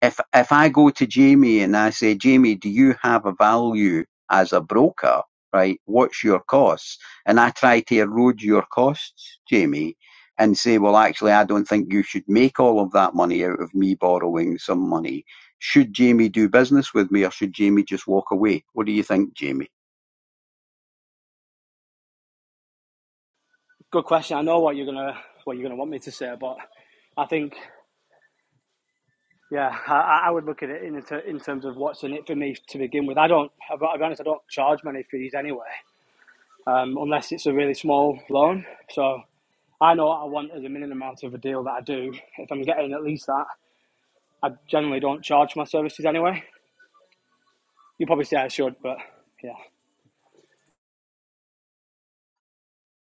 [SPEAKER 2] If if I go to Jamie and I say, Jamie, do you have a value as a broker? Right? What's your costs? And I try to erode your costs, Jamie, and say, well, actually, I don't think you should make all of that money out of me borrowing some money. Should Jamie do business with me or should Jamie just walk away? What do you think, Jamie?
[SPEAKER 4] Good question. I know what you're gonna what you're gonna want me to say, but I think yeah, I, I would look at it in in terms of what's in it for me to begin with. I don't, I'll be I'll be honest, I don't charge many fees anyway, um, unless it's a really small loan. So I know what I want as a minimum amount of a deal that I do. If I'm getting at least that, I generally don't charge my services anyway. You probably say I should, but yeah.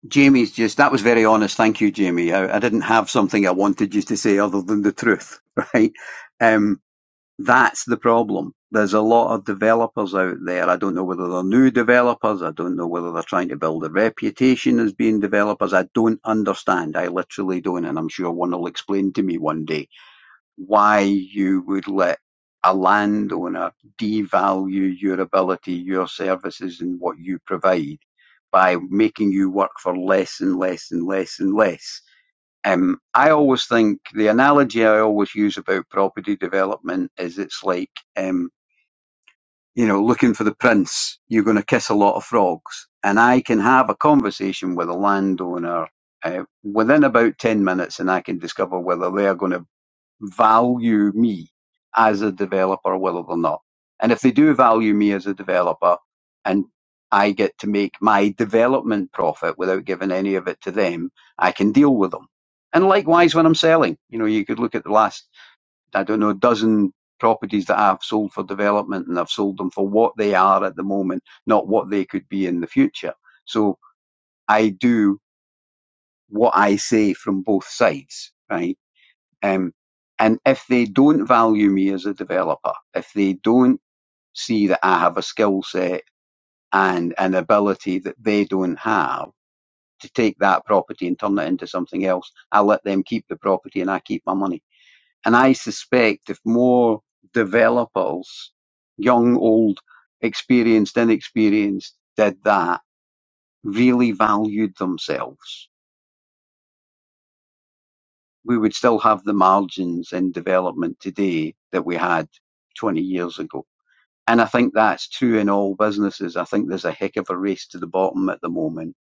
[SPEAKER 2] Jamie's just, that was very honest. Thank you, Jamie. I, I didn't have something I wanted you to say other than the truth, <laughs> right? Um. That's the problem. There's a lot of developers out there. I don't know whether they're new developers. I don't know whether they're trying to build a reputation as being developers. I don't understand. I literally don't. And I'm sure one will explain to me one day why you would let a landowner devalue your ability, your services, and what you provide by making you work for less and less and less and less. Um, I always think the analogy I always use about property development is it's like, um, you know, looking for the prince. You're going to kiss a lot of frogs. And I can have a conversation with a landowner uh, within about 10 minutes and I can discover whether they are going to value me as a developer, whether or not. And if they do value me as a developer and I get to make my development profit without giving any of it to them, I can deal with them. And likewise when I'm selling, you know, you could look at the last, I don't know, dozen properties that I've sold for development and I've sold them for what they are at the moment, not what they could be in the future. So I do what I say from both sides, right? Um, and if they don't value me as a developer, if they don't see that I have a skill set and an ability that they don't have to take that property and turn it into something else, I let them keep the property and I keep my money. And I suspect if more developers, young, old, experienced, inexperienced, did that, really valued themselves, we would still have the margins in development today that we had 20 years ago. And I think that's true in all businesses. I think there's a heck of a race to the bottom at the moment.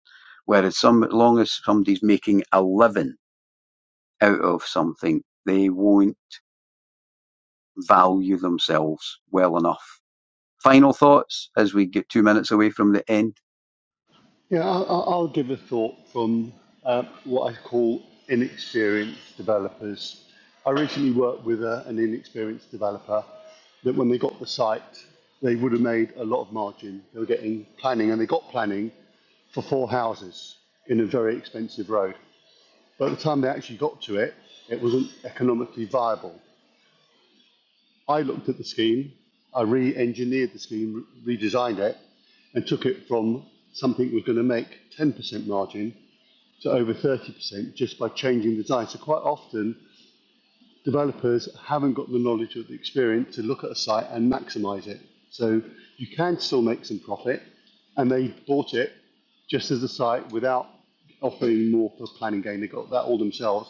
[SPEAKER 2] Whereas some, as long as somebody's making a living out of something, they won't value themselves well enough. Final thoughts as we get two minutes away from the end.
[SPEAKER 3] Yeah, I- I- I'll give a thought from uh, what I call inexperienced developers. I recently worked with a, an inexperienced developer that when they got the site, they would have made a lot of margin. They were getting planning and they got planning for four houses in a very expensive road. But at the time they actually got to it, it wasn't economically viable. I looked at the scheme, I re engineered the scheme, re- redesigned it, and took it from something that was going to make 10% margin to over 30% just by changing the design. So, quite often, developers haven't got the knowledge or the experience to look at a site and maximize it. So, you can still make some profit, and they bought it just as a site without offering more for planning gain. They got that all themselves,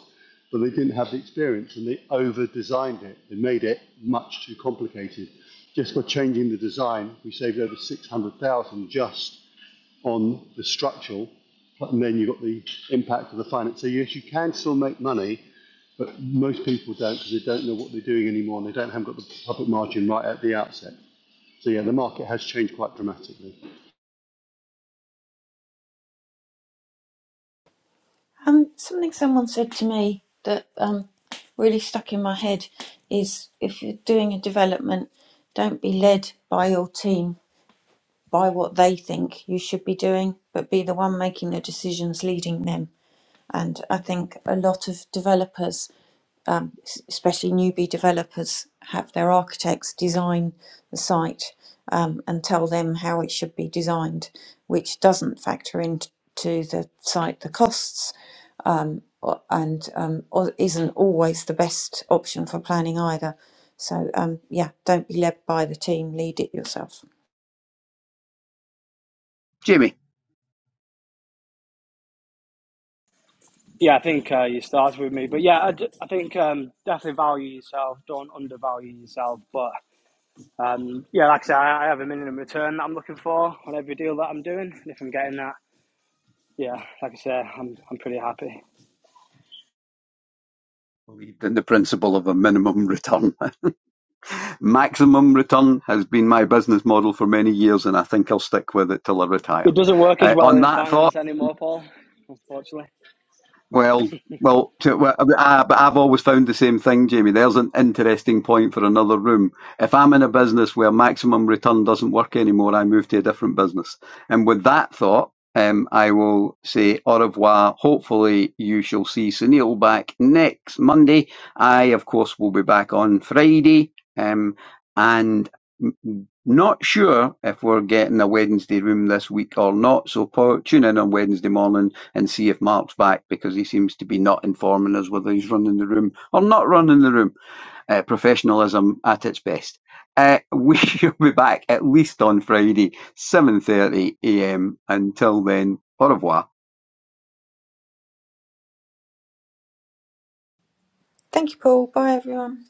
[SPEAKER 3] but they didn't have the experience and they over designed it. They made it much too complicated. Just by changing the design, we saved over 600,000 just on the structural. And then you've got the impact of the finance. So yes, you can still make money, but most people don't because they don't know what they're doing anymore and they don't haven't got the profit margin right at the outset. So yeah, the market has changed quite dramatically.
[SPEAKER 1] Um, something someone said to me that um, really stuck in my head is if you're doing a development, don't be led by your team by what they think you should be doing, but be the one making the decisions leading them. And I think a lot of developers, um, especially newbie developers, have their architects design the site um, and tell them how it should be designed, which doesn't factor into the site the costs um, o- and um, o- isn't always the best option for planning either. So, um, yeah, don't be led by the team, lead it yourself.
[SPEAKER 2] Jamie.
[SPEAKER 4] Yeah, I think uh, you started with me, but yeah, I, d- I think um, definitely value yourself. Don't undervalue yourself. But um, yeah, like I said, I, I have a minimum return that I'm looking for on every deal that I'm doing, and if I'm getting that, yeah, like I said, I'm I'm pretty happy.
[SPEAKER 2] Believed in the principle of a minimum return. <laughs> Maximum return has been my business model for many years, and I think I'll stick with it till I retire.
[SPEAKER 4] It doesn't work as
[SPEAKER 2] Uh,
[SPEAKER 4] well
[SPEAKER 2] on
[SPEAKER 4] in
[SPEAKER 2] that thought,
[SPEAKER 4] finance anymore, Paul. Unfortunately.
[SPEAKER 2] Well, well, to, well I, but I've always found the same thing, Jamie. There's an interesting point for another room. If I'm in a business where maximum return doesn't work anymore, I move to a different business. And with that thought, um, I will say au revoir. Hopefully, you shall see Sunil back next Monday. I, of course, will be back on Friday. Um, and m- not sure if we're getting a Wednesday room this week or not. So po- tune in on Wednesday morning and see if Mark's back because he seems to be not informing us whether he's running the room or not running the room. Uh, professionalism at its best. Uh, <laughs> we shall be back at least on Friday, 7.30am. Until then, au revoir.
[SPEAKER 1] Thank you, Paul. Bye, everyone.